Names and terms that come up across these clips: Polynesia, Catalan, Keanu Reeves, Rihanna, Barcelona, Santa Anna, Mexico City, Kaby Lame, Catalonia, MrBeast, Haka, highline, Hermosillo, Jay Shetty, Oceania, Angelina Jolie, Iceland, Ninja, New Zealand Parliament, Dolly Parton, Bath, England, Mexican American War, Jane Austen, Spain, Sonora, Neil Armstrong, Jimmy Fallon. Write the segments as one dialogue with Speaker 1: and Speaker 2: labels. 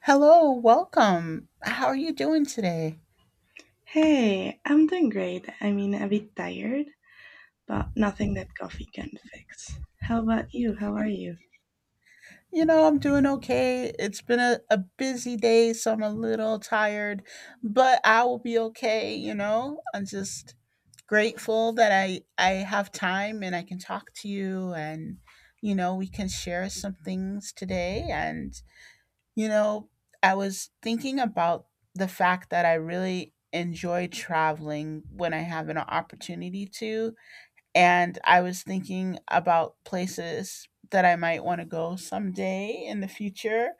Speaker 1: Hello, welcome. How are you doing today?
Speaker 2: Hey, I'm doing great. I mean, a bit tired, but nothing that coffee can fix. How about you? How are you?
Speaker 1: You know, I'm doing okay. It's been a busy day, so I'm a little tired, but I will be okay, you know? I'm just grateful that I have time and I can talk to you and you know, we can share some things today and you know, I was thinking about the fact that I really enjoy traveling when I have an opportunity to, and I was thinking about places that I might want to go someday in the future.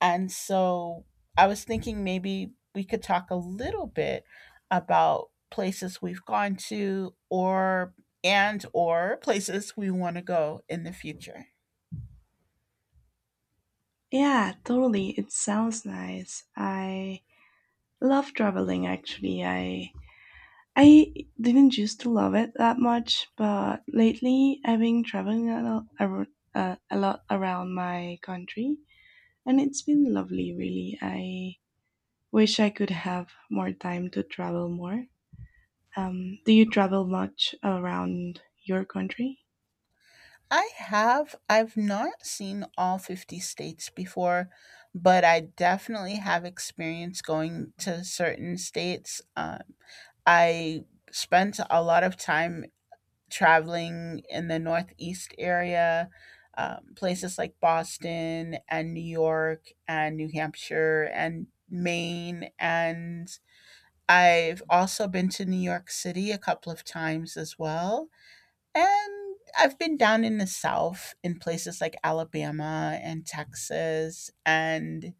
Speaker 1: And so I was thinking maybe we could talk a little bit about places we've gone to or and or places we want to go in the future.
Speaker 2: Yeah, totally. It sounds nice. I love traveling actually. I didn't used to love it that much, but lately I've been traveling a lot, a lot around my country, and it's been lovely, really. I wish I could have more time to travel more. Do you travel much around your country?
Speaker 1: I've not seen all 50 states before, but I definitely have experience going to certain states. I spent a lot of time traveling in the Northeast area, places like Boston and New York and New Hampshire and Maine. And I've also been to New York City a couple of times as well. And I've been down in the South in places like Alabama and Texas. And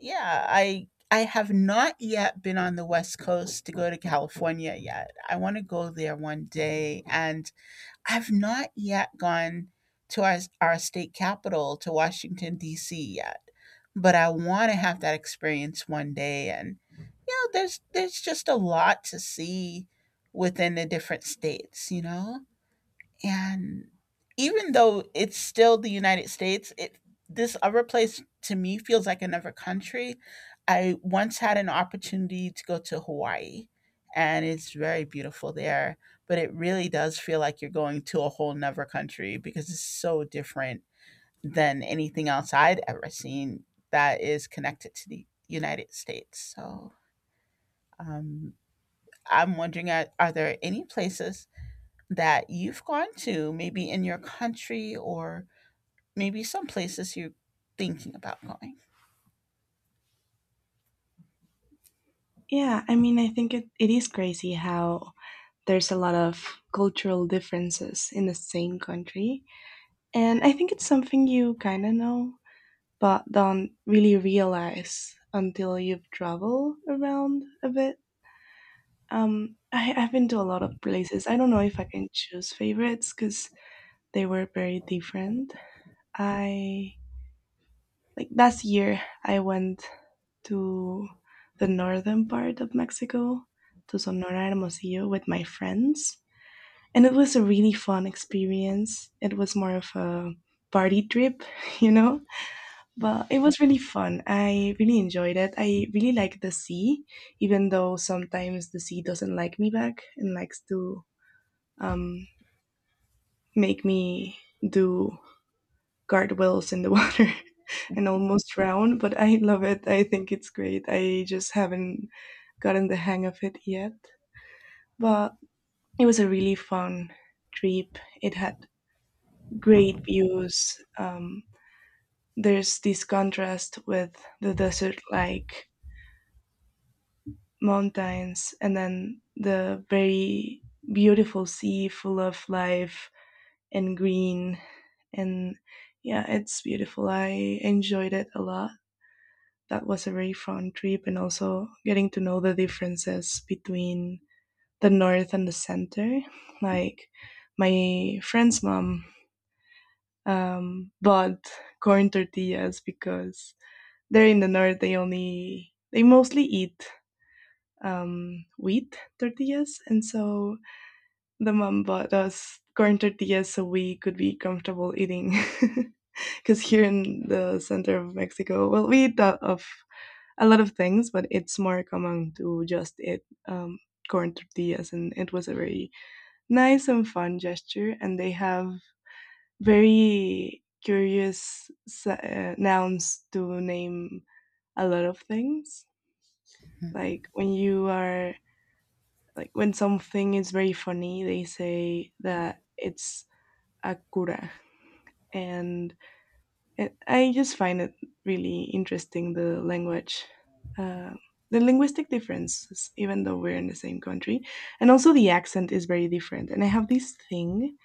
Speaker 1: yeah, I have not yet been on the West Coast to go to California yet. I want to go there one day, and I've not yet gone to our state capital, to Washington, D.C. yet, but I want to have that experience one day. And, you know, there's just a lot to see within the different states, you know? And even though it's still the United States, it this other place to me feels like another country. I once had an opportunity to go to Hawaii, and it's very beautiful there, but it really does feel like you're going to a whole nother country because it's so different than anything else I'd ever seen that is connected to the United States. So um, I'm wondering, are there any places that you've gone to, maybe in your country, or maybe some places you're thinking about going.
Speaker 2: Yeah, I mean, I think it is crazy how there's a lot of cultural differences in the same country. And I think it's something you kind of know, but don't really realize until you've traveled around a bit. I've been to a lot of places. I don't know if I can choose favorites because they were very different. I like last year I went to the northern part of Mexico to Sonora and Hermosillo with my friends and it was a really fun experience. It was more of a party trip, you know, but it was really fun. I really enjoyed it. I really like the sea, even though sometimes the sea doesn't like me back and likes to, um, make me do guardrails in the water and almost drown, but I love it. I think it's great. I just haven't gotten the hang of it yet. But it was a really fun trip. It had great views. There's this contrast with the desert like mountains and then the very beautiful sea full of life and green. And yeah, it's beautiful. I enjoyed it a lot. That was a very fun trip, and also getting to know the differences between the north and the center. Like my friend's mom bought corn tortillas because there in the north they mostly eat wheat tortillas, and so the mom bought us corn tortillas so we could be comfortable eating. Because here in the center of Mexico, well, we eat that of a lot of things, but it's more common to just eat, um, corn tortillas. And it was a very nice and fun gesture. And they have very curious nouns to name a lot of things.
Speaker 1: Yeah.
Speaker 2: Like when you are, like when something is very funny, they say that it's a cura. And I just find it really interesting the language, uh, the linguistic differences, even though we're in the same country, and also the accent is very different. And I have this thing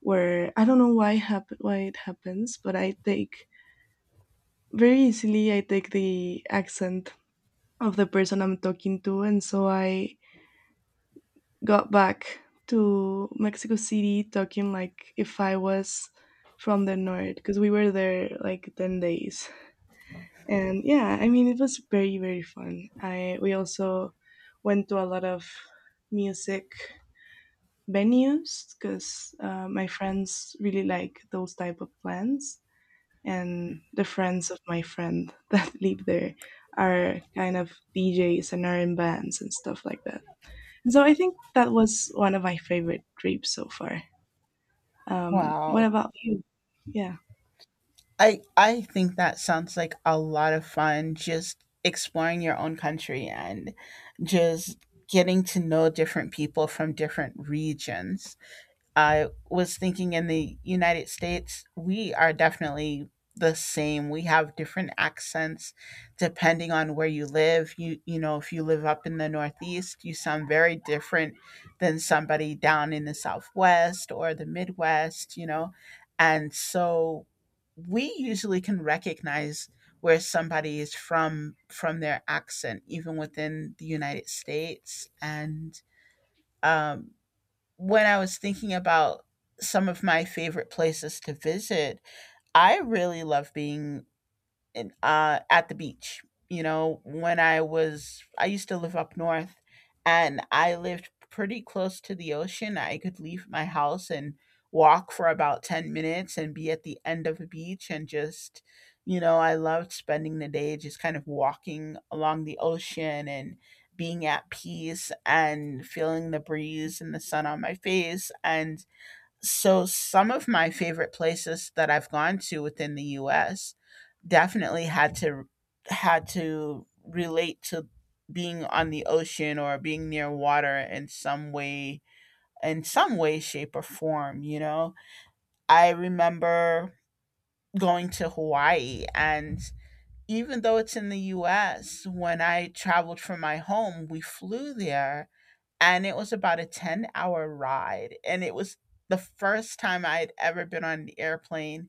Speaker 2: where I don't know why it happens, but I take the accent of the person I'm talking to, and so I got back to Mexico City talking like if I was from the north because we were there like 10 days. And yeah, I mean, it was very very fun. I We also went to a lot of music venues because my friends really like those type of plans, and
Speaker 1: Mhm.
Speaker 2: the friends of my friend that live there are kind of DJs and are in bands and stuff like that. So I think that was one of my favorite trips so far. What
Speaker 1: Wow.
Speaker 2: about you? Yeah,
Speaker 1: I think that sounds like a lot of fun, just exploring your own country and just getting to know different people from different regions. I was thinking in the United States, we are definitely the same. We have different accents depending on where you live. You know, if you live up in the Northeast, you sound very different than somebody down in the Southwest or the Midwest, you know. And so we usually can recognize where somebody is from their accent, even within the United States. And um when I was thinking about some of my favorite places to visit, I really love being at the beach. You know, I used to live up north and I lived pretty close to the ocean. I could leave my house and walk for about 10 minutes and be at the end of a beach, and just, you know, I loved spending the day just kind of walking along the ocean and being at peace and feeling the breeze and the sun on my face. And so, some of my favorite places that I've gone to within the US definitely had to relate to being on the ocean or being near water in some way, shape or form, you know. I remember going to Hawaii, and even though it's in the US, when I traveled from my home, we flew there and it was about a 10-hour ride, and it was the first time I had ever been on an airplane.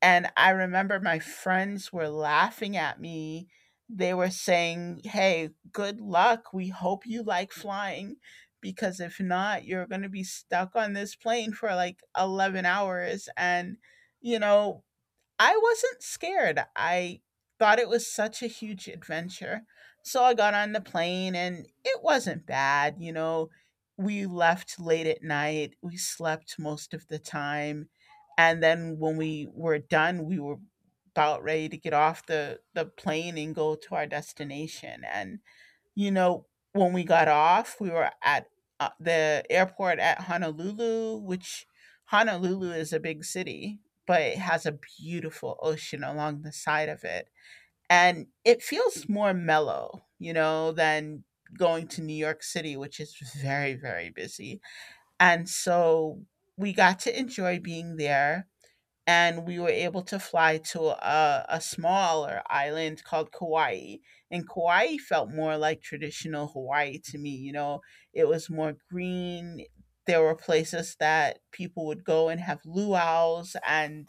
Speaker 1: And I remember my friends were laughing at me. They were saying, hey, good luck, we hope you like flying, because if not, you're going to be stuck on this plane for like 11 hours. And you know, I wasn't scared. I thought it was such a huge adventure. So I got on the plane and it wasn't bad, you know. We left late at night. We slept most of the time. And then when we were done, we were about ready to get off the plane and go to our destination. And you know, when we got off, we were at the airport at Honolulu, which, Honolulu is a big city, but it has a beautiful ocean along the side of it. And it feels more mellow, you know, than going to New York City, which is very, very busy. And so we got to enjoy being there, and we were able to fly to a smaller island called Kauai. And Kauai felt more like traditional Hawaii to me. You know, it was more green. There were places that people would go and have luau's, and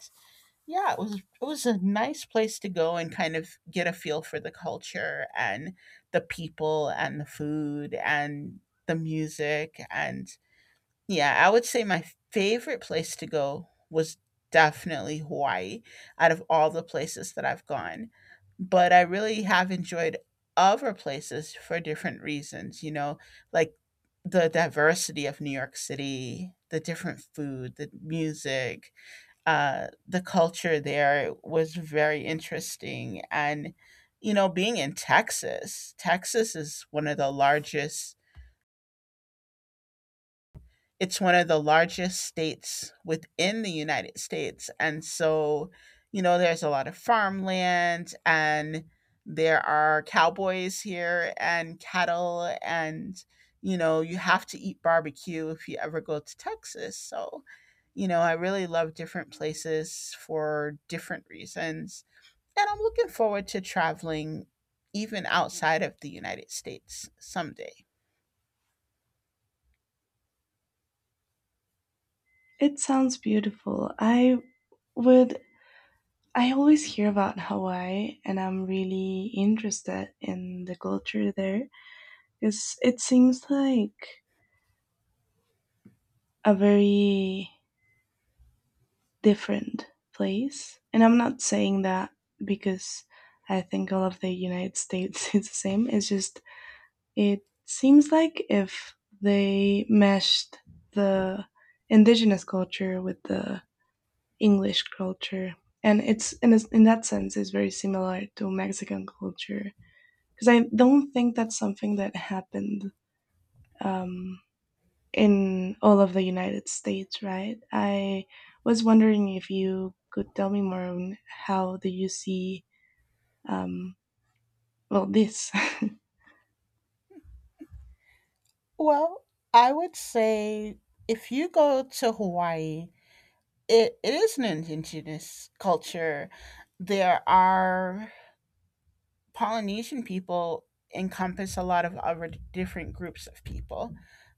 Speaker 1: yeah, it was a nice place to go and kind of get a feel for the culture and the people and the food and the music. And yeah, I would say my favorite place to go was definitely Hawaii, out of all the places that I've gone. But I really have enjoyed other places for different reasons, you know, like the diversity of New York City, the different food, the music, the culture there was very interesting. And, you know, being in Texas, Texas is one of the largest, it's one of the largest states within the United States. And so, you know, there's a lot of farmland, and there are cowboys here and cattle, and you know, you have to eat barbecue if you ever go to Texas. So, you know, I really love different places for different reasons. And I'm looking forward to traveling even outside of the United States someday.
Speaker 2: it sounds beautiful. I would, I always hear about Hawaii and I'm really interested in the culture there because it seems like a very different place. And I'm not saying that because I think all of the United States is the same. It's just, it seems like if they meshed the indigenous culture with the English culture. And it's in, a, in that sense is very similar to Mexican culture because I don't think that's something that happened, um, in all of the United States, right? I was wondering if you could tell me more on how do you see, um, well this.
Speaker 1: Well, I would say if you go to Hawaii, it is an indigenous culture. There are Polynesian people, encompass a lot of other different groups of people.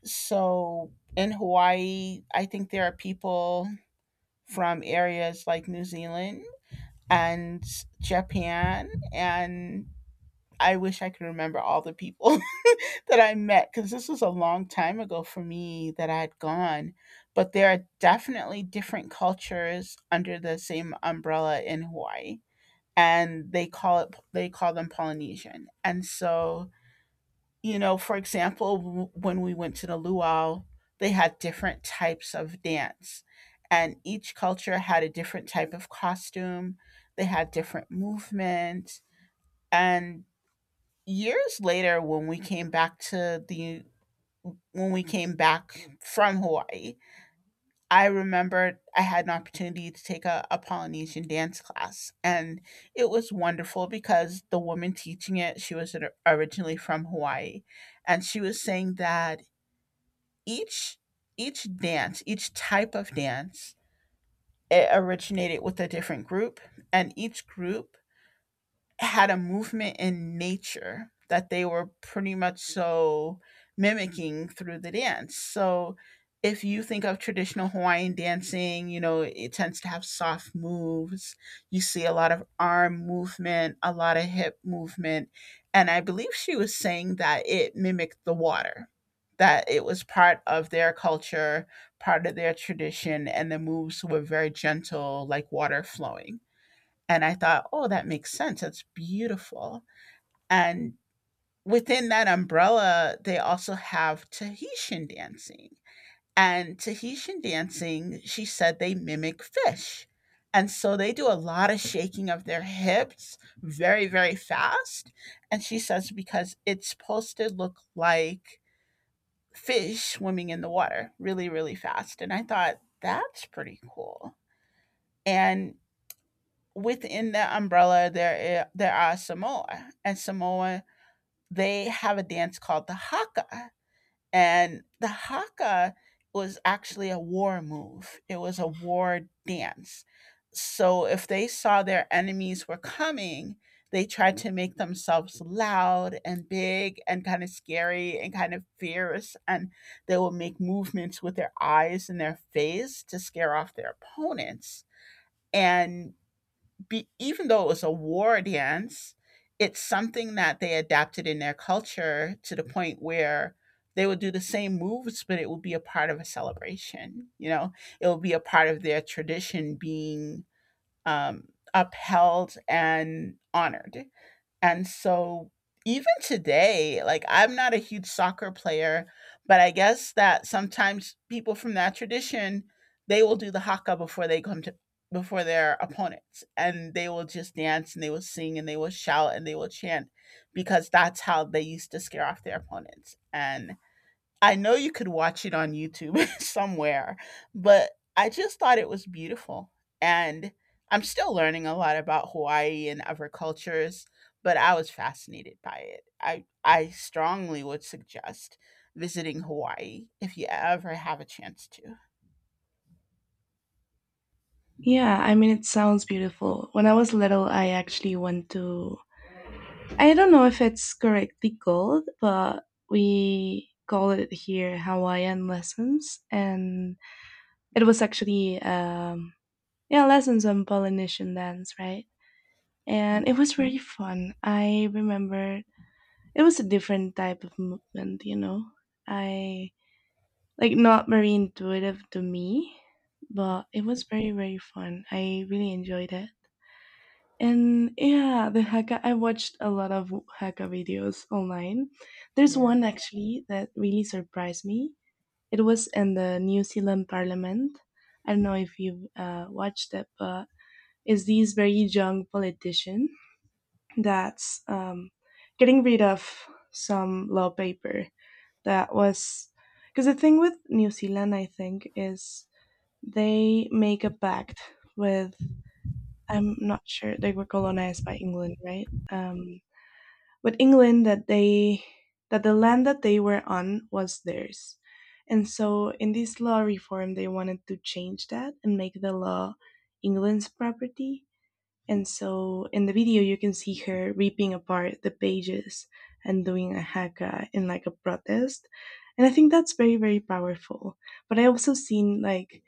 Speaker 1: So in Hawaii, I think there are people from areas like New Zealand and Japan, and I wish I could remember all the people that I met, because this was a long time ago for me that I had gone, but there are definitely different cultures under the same umbrella in Hawaii, and they call them Polynesian. And so, you know, for example, when we went to the luau, they had different types of dance, and each culture had a different type of costume. They had different movement, and years later when we came back to the when we came back from Hawaii, I remembered I had an opportunity to take a Polynesian dance class. And it was wonderful because the woman teaching it, she was originally from Hawaii. And she was saying that each each dance, each type of dance, it originated with a different group. And each group had a movement in nature that they were pretty much so mimicking through the dance. So if you think of traditional Hawaiian dancing, you know, it tends to have soft moves. You see a lot of arm movement, a lot of hip movement. And I believe she was saying that it mimicked the water, that it was part of their culture, part of their tradition, and the moves were very gentle, like water flowing. And I thought, oh, that makes sense. That's beautiful. And within that umbrella, they also have Tahitian dancing. And Tahitian dancing, she said, they mimic fish. And so they do a lot of shaking of their hips very, very fast. And she says, because it's supposed to look like fish swimming in the water really, really fast. And I thought, that's pretty cool. And within the umbrella there, there are Samoa, and Samoa, they have a dance called the haka. And the haka was actually a war move it was a war dance. So if they saw their enemies were coming, they tried to make themselves loud and big and kind of scary and kind of fierce, and they will make movements with their eyes and their face to scare off their opponents. And, even though it was a war dance, it's something that they adapted in their culture to the point where they would do the same moves, but it would be a part of a celebration. You know, it would be a part of their tradition being upheld and honored. And so even today, like, I'm not a huge soccer player, but I guess that sometimes people from that tradition, they will do the haka before they come to before their opponents, and they will just dance and they will sing and they will shout and they will chant, because that's how they used to scare off their opponents. And I know you could watch it on YouTube somewhere, but I just thought it was beautiful. And I'm still learning a lot about Hawaii and other cultures, but I was fascinated by it. I strongly would suggest visiting Hawaii if you ever have a chance to.
Speaker 2: Yeah, I mean it sounds beautiful. When I was little, I actually went to, I don't know if it's correctly called, but we call it here Hawaiian lessons, and it was actually, yeah, lessons on Polynesian dance, right? And
Speaker 1: Mhm.
Speaker 2: it was very fun. I remember it was a different type of movement, you know. I like not very intuitive to me, but it was very very fun. I really enjoyed it. And yeah, the Haka, I watched a lot of Haka videos online. There's
Speaker 1: Yeah.
Speaker 2: one actually that really surprised me. It was in the New Zealand Parliament. I don't know if you've watched it, but it's these very young politicians that's getting rid of some law paper that was, because the thing with New Zealand, I think, is they make a pact with, I'm not sure they were colonized by England, right? With England that they, that the land that they were on was theirs, and so in this law reform they wanted to change that and make the law England's property. And so in the video, you can see her ripping apart the pages and doing a haka in like a protest. And I think that's very, very powerful. But I also seen like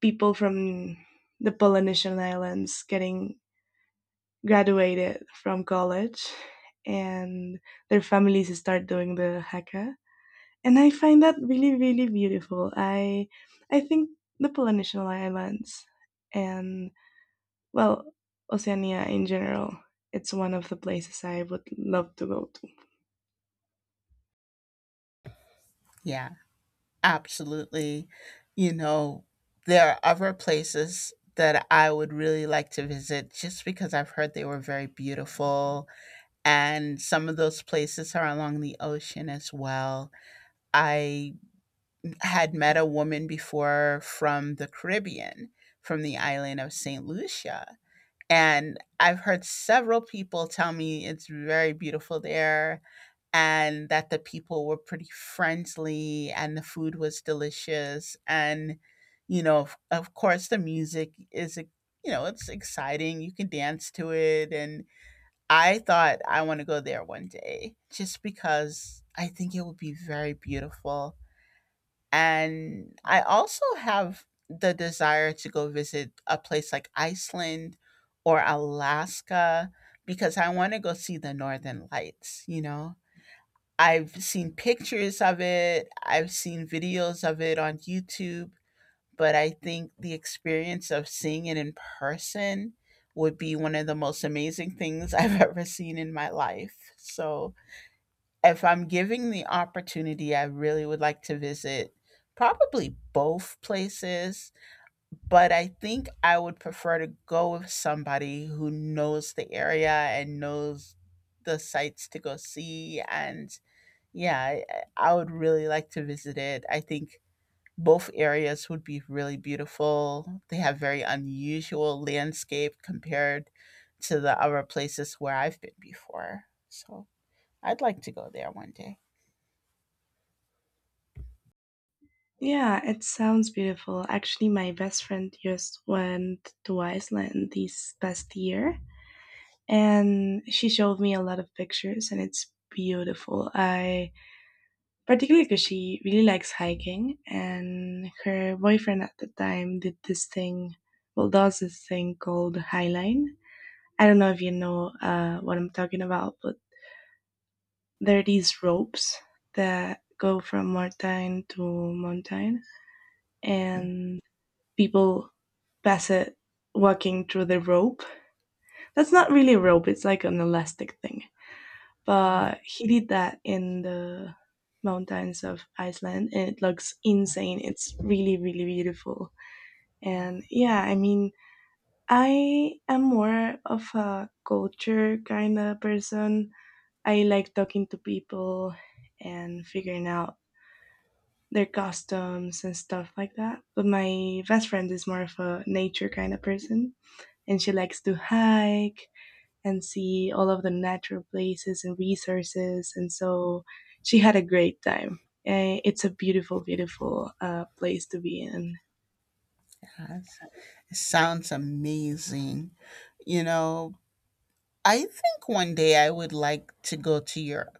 Speaker 2: people from the Polynesian Islands getting graduated from college, and their families start doing the haka. And I find that really, really beautiful. I think the Polynesian Islands, and well, Oceania in general, it's one of the places I would love to go to.
Speaker 1: Yeah, Absolutely. You know, there are other places that I would really like to visit just because I've heard they were very beautiful, and some of those places are along the ocean as well. I had met a woman before from the Caribbean, from the island of St. Lucia. And I've heard several people tell me it's very beautiful there and that the people were pretty friendly and the food was delicious. And, you know, of course, the music is, you know, it's exciting. You can dance to it. And I thought I want to go there one day just because I think it would be very beautiful. And I also have the desire to go visit a place like Iceland or Alaska because I want to go see the northern lights, you know. I've seen pictures of it, I've seen videos of it on YouTube, but I think the experience of seeing it in person would be one of the most amazing things I've ever seen in my life. So, if I'm giving the opportunity, I really would like to visit probably both places, but I think I would prefer to go with somebody who knows the area and knows the sites to go see. And yeah, I, I would really like to visit it. I think both areas would be really beautiful. They have very unusual landscape compared to the other places where I've been before. So I'd like to go there one day.
Speaker 2: Yeah, it sounds beautiful. Actually, my best friend just went to Iceland this past year, and she showed me a lot of pictures and it's beautiful. I, particularly because she really likes hiking, and her boyfriend at the time did this thing, well, does this thing called highline. I don't know if you know what I'm talking about, but there are these ropes that go from mountain to mountain, and people pass it walking through the rope. That's not really a rope, it's like an elastic thing.
Speaker 1: Oh,
Speaker 2: But he did that in the mountains of Iceland, and it looks insane. It's really, really beautiful. And yeah, I mean, I am more of a culture kind of person. I like talking to people and figuring out their costumes and stuff like that. But my best friend is more of a nature kind of person, and she likes to hike and see all of the natural places and resources. And so she had a great time. It's a beautiful, beautiful place to be in.
Speaker 1: yes. It sounds amazing. You know, I think one day I would like to go to Europe,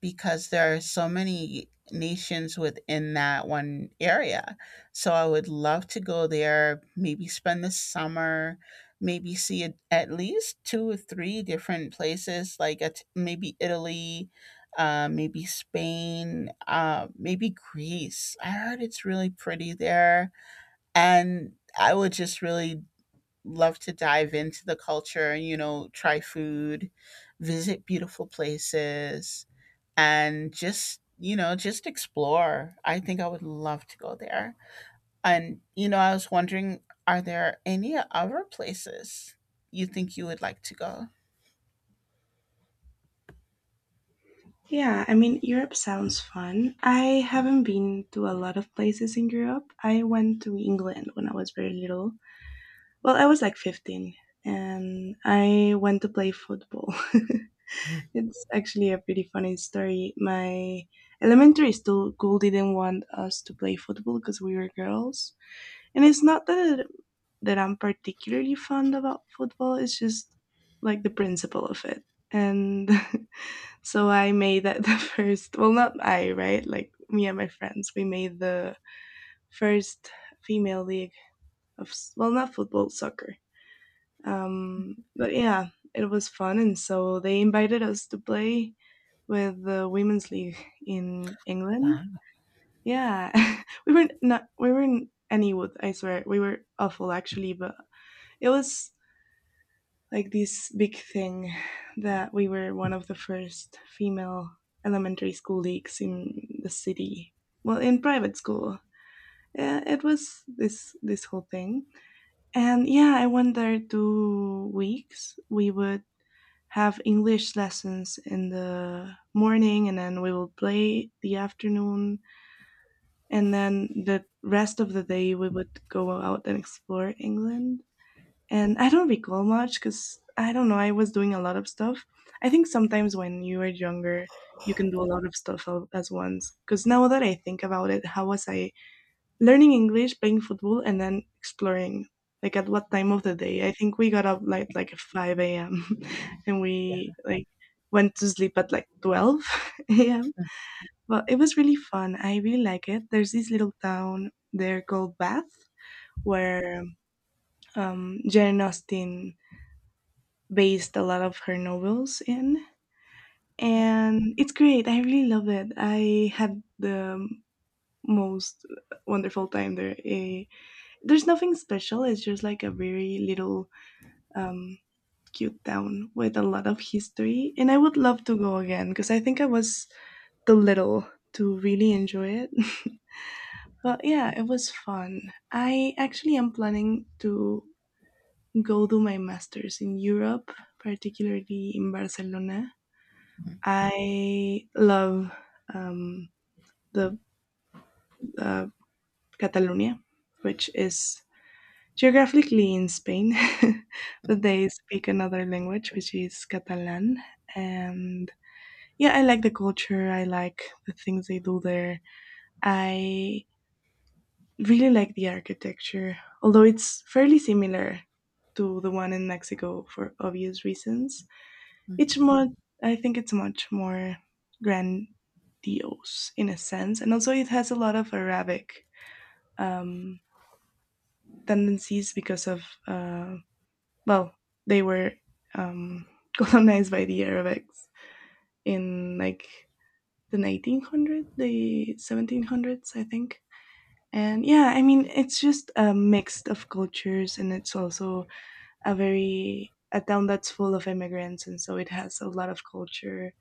Speaker 1: because there are so many nations within that one area. So I would love to go there, maybe spend the summer, maybe see at least two or three different places, like at, maybe Italy, maybe Spain, maybe Greece. I heard it's really pretty there. And I would just really love to dive into the culture, you know, try food, visit beautiful places, and just, you know, just explore. I think I would love to go there. And you know, I was wondering, are there any other places you think you would like to go?
Speaker 2: Yeah, I mean, Europe sounds fun. I haven't been to a lot of places in Europe. I went to England when I was very little. Well, I was like 15 and I went to play football. It's actually a pretty funny story. My elementary school didn't want us to play football because we were girls, and it's not that I'm particularly fond about football. It's just like the principle of it, and so I made that the first. Well, not I, right? Like me and my friends, we made the first female league of well, not football, soccer, but yeah, it was fun, and so they invited us to play with the women's league in England.
Speaker 1: Wow.
Speaker 2: Yeah, we were not any wood. I swear we were awful actually, but it was like this big thing that we were one of the first female elementary school leagues in the city. Well, in private school. Yeah, it was this whole thing. And yeah, I went there 2 weeks. We would have English lessons in the morning and then we would play the afternoon, and then the rest of the day we would go out and explore England. And I don't recall much cuz I don't know, I was doing a lot of stuff. I think sometimes when you are younger, you can do a lot of stuff as once. Cuz now that I think about it, how was I learning English, playing football, and then exploring. Like at what time of the day? I think we got up like at five a.m. and we like went to sleep at like 12 a.m. But it was really fun. I really like it. There's this little town there called Bath where, Jane Austen based a lot of her novels in,
Speaker 1: Yeah.
Speaker 2: and it's great. I really love it. I had the most wonderful time there. Eh, there's nothing special. It's just like a very little um, cute town with a lot of history, and I would love to go again because I think I was too little to really enjoy it. But yeah, it was fun. I actually am planning to go do my masters in Europe, particularly in Barcelona. I love, um, the uh, Catalonia, which is geographically in Spain, but they speak another language, which is Catalan. And yeah, I like the culture. I like the things they do there. I really like the architecture, although it's fairly similar to the one in Mexico for obvious reasons. It's more, I think it's much more grandiose in a sense. And also, it has a lot of Arabic um, tendencies because Uh, well, they were um, colonized by the Arabics in like the 1900s, the 1700s, I think. And yeah, I mean, it's just a mix of cultures, and it's also a town that's full of immigrants, and so it has a lot of culture.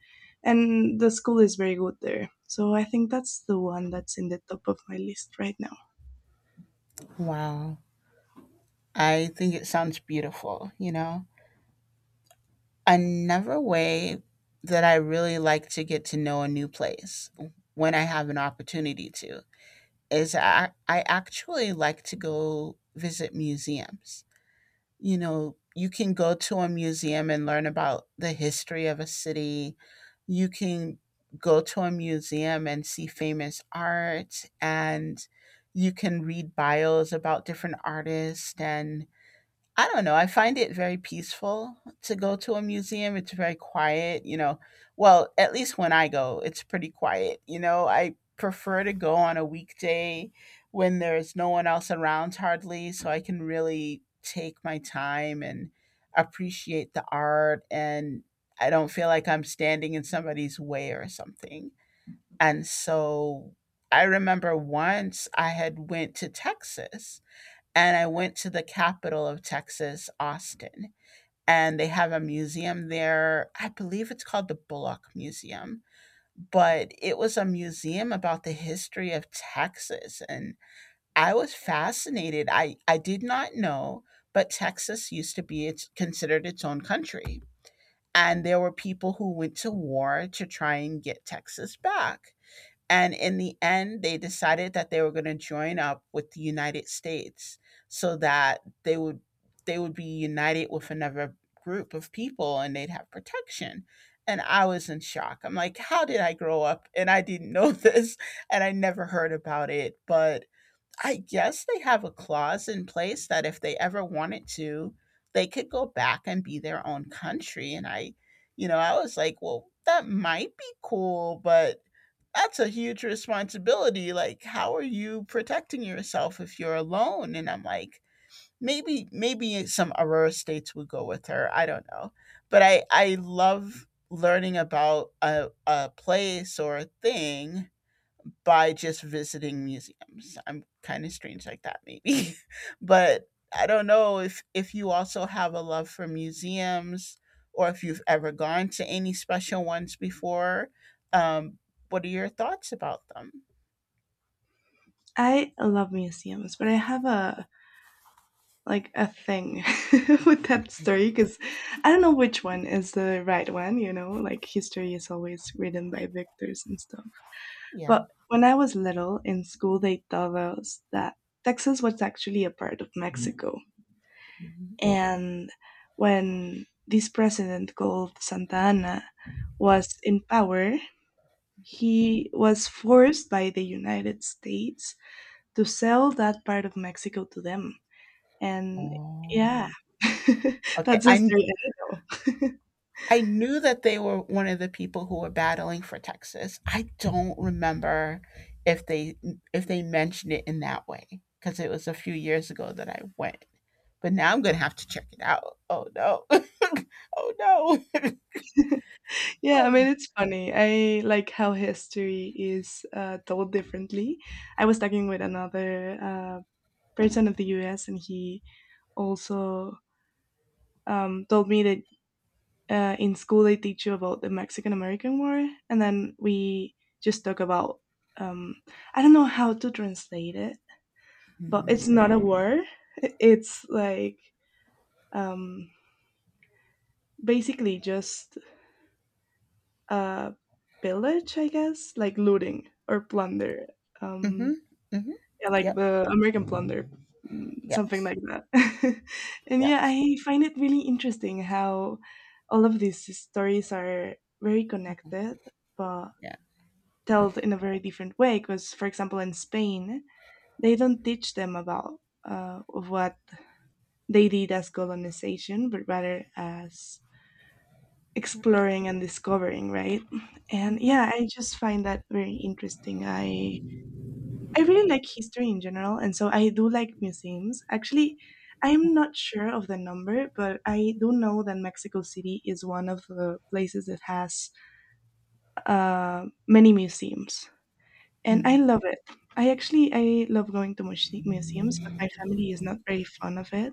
Speaker 2: And the school is very good there. So I think that's the one that's in the top of my list right now.
Speaker 1: Wow, I think it sounds beautiful. You know, another way that I really like to get to know a new place, when I have an opportunity to, is I actually like to go visit museums. You know, you can go to a museum and learn about the history of a city. You can go to a museum and see famous art, and you can read bios about different artists. And I don't know. I find it very peaceful to go to a museum. It's very quiet, you know. Well, at least when I go, it's pretty quiet, you know. I prefer to go on a weekday when there's no one else around hardly, so I can really take my time and appreciate the art, and I don't feel like I'm standing in somebody's way or something. And so I remember once I had went to Texas, and I went to the capital of Texas, Austin, and they have a museum there. I believe it's called the Bullock Museum, but it was a museum about the history of Texas. And I was fascinated. I did not know, but Texas used to be considered its own country. And there were people who went to war to try and get Texas back. And in the end, they decided that they were going to join up with the United States so that they would be united with another group of people and they'd have protection. And I was in shock. I'm like, how did I grow up and I didn't know this and I never heard about it? But I guess they have a clause in place that if they ever wanted to, they could go back and be their own country. And you know, I was like, well, that might be cool, but that's a huge responsibility. Like, how are you protecting yourself if you're alone? And I'm like, maybe some Aurora states would go with her. I don't know. But I love learning about a place or a thing by just visiting museums. I'm kind of strange like that maybe. But I don't know if you also have a love for museums or if you've ever gone to any special ones before. Um what are your thoughts about them?
Speaker 2: I love museums, but I have a like a thing with that story because I don't know which one is the right one, you know, like history is always written by victors and stuff.
Speaker 1: Yeah.
Speaker 2: But when I was little in school, they told us that Texas was actually a part of Mexico.
Speaker 1: Mhm.
Speaker 2: And when this president called Santa Anna was in power, he was forced by the United States to sell that part of Mexico to them. And yeah,
Speaker 1: Oh. Okay,
Speaker 2: that's
Speaker 1: I kn-
Speaker 2: history I know.
Speaker 1: I knew that they were one of the people who were battling for Texas. I don't remember if they if they mentioned it in that way because it was a few years ago that I went. But now I'm going to have to check it out. Oh no. Oh no.
Speaker 2: Yeah, I mean,
Speaker 1: Oh.
Speaker 2: it's funny. I like how history is told differently. I was talking with another person of the US, and he also told me that in school they teach you about the Mexican American War, and then we just talk about, um, I don't know how to translate it, but
Speaker 1: Mm-hmm.
Speaker 2: it's not a war. It's like um, basically just uh, pillage, I guess, like looting or plunder.
Speaker 1: Mm-hmm.
Speaker 2: Um,
Speaker 1: Mm-hmm.
Speaker 2: yeah, like
Speaker 1: Yep.
Speaker 2: the American plunder, mm, something
Speaker 1: Yes.
Speaker 2: like that. And
Speaker 1: Yeah.
Speaker 2: yeah, I find it really interesting how all of these stories are very connected, but
Speaker 1: Yeah.
Speaker 2: told in a very different way. Because, for example, in Spain, they don't teach them about what they did as colonization, but rather as exploring and discovering, right? And
Speaker 1: Mm-hmm.
Speaker 2: yeah, I just find that very interesting. I really like history in general, and so I do like museums. Actually, I'm not sure of the number, but I do know that Mexico City is one of the places that has many museums, and I
Speaker 1: Mm-hmm.
Speaker 2: love it. I actually I love going to museums, but my family is not very fond of it.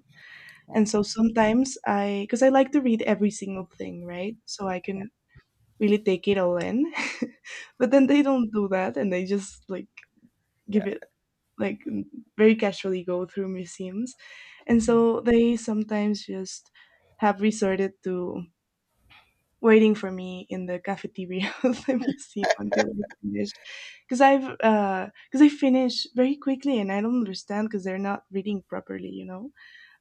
Speaker 1: Yeah.
Speaker 2: And so sometimes I, because I like to read every single thing, right? So I
Speaker 1: Yeah.
Speaker 2: can really take it all in. But then they don't do that, and they just like
Speaker 1: Yeah.
Speaker 2: give it like m- very casually go through museums, and so they sometimes just have resorted to waiting for me in the cafeteria of the museum until I finish, because I finish very quickly and I don't understand because they're not reading properly, you know.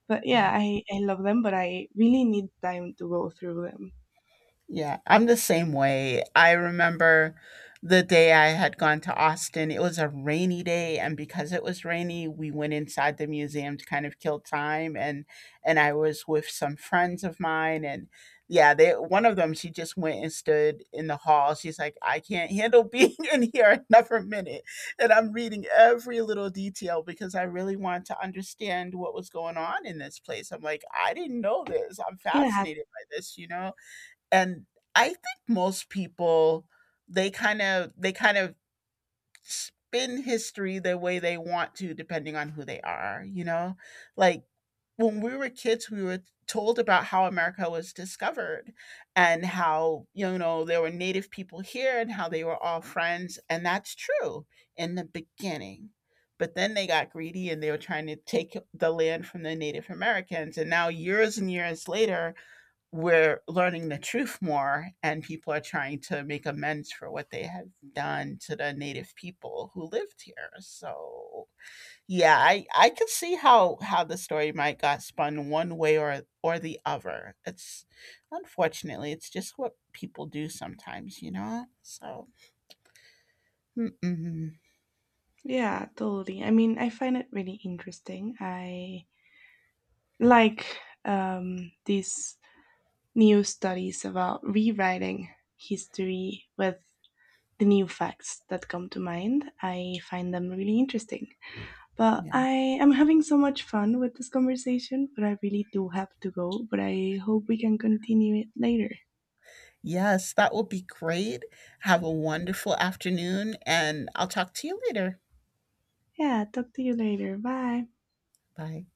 Speaker 2: But
Speaker 1: Yeah.
Speaker 2: yeah, I love them, but I really need time to go through them.
Speaker 1: Yeah, I'm the same way. I remember the day I had gone to Austin. It was a rainy day, and because it was rainy, we went inside the museum to kind of kill time. And I was with some friends of mine, and yeah, they, one of them, she just went and stood in the hall. She's like, "I can't handle being in here another minute," and I'm reading every little detail because I really want to understand what was going on in this place. I'm like, I didn't know this. I'm
Speaker 2: Yeah,
Speaker 1: fascinated by this, you know. And I think most people, they kind of spin history the way they want to depending on who they are, you know? Like when we were kids, we were told about how America was discovered and how, you know, there were native people here and how they were all friends. And that's true in the beginning. But then they got greedy and they were trying to take the land from the Native Americans. And now, years and years later, we're learning the truth more and people are trying to make amends for what they have done to the native people who lived here. So yeah, I can see how the story might got spun one way or the other. It's, unfortunately, it's just what people do sometimes, you know. So mm-mm,
Speaker 2: Yeah, totally. I mean, I find it really interesting. I like these new studies about rewriting history with the new facts that come to mind. I find them really interesting. But
Speaker 1: yeah,
Speaker 2: I am having so much fun with this conversation, but I really do have to go. But I hope we can continue it later.
Speaker 1: yes, that will be great. Have a wonderful afternoon and I'll talk to you later.
Speaker 2: Yeah, talk to you later. Bye.
Speaker 1: Bye.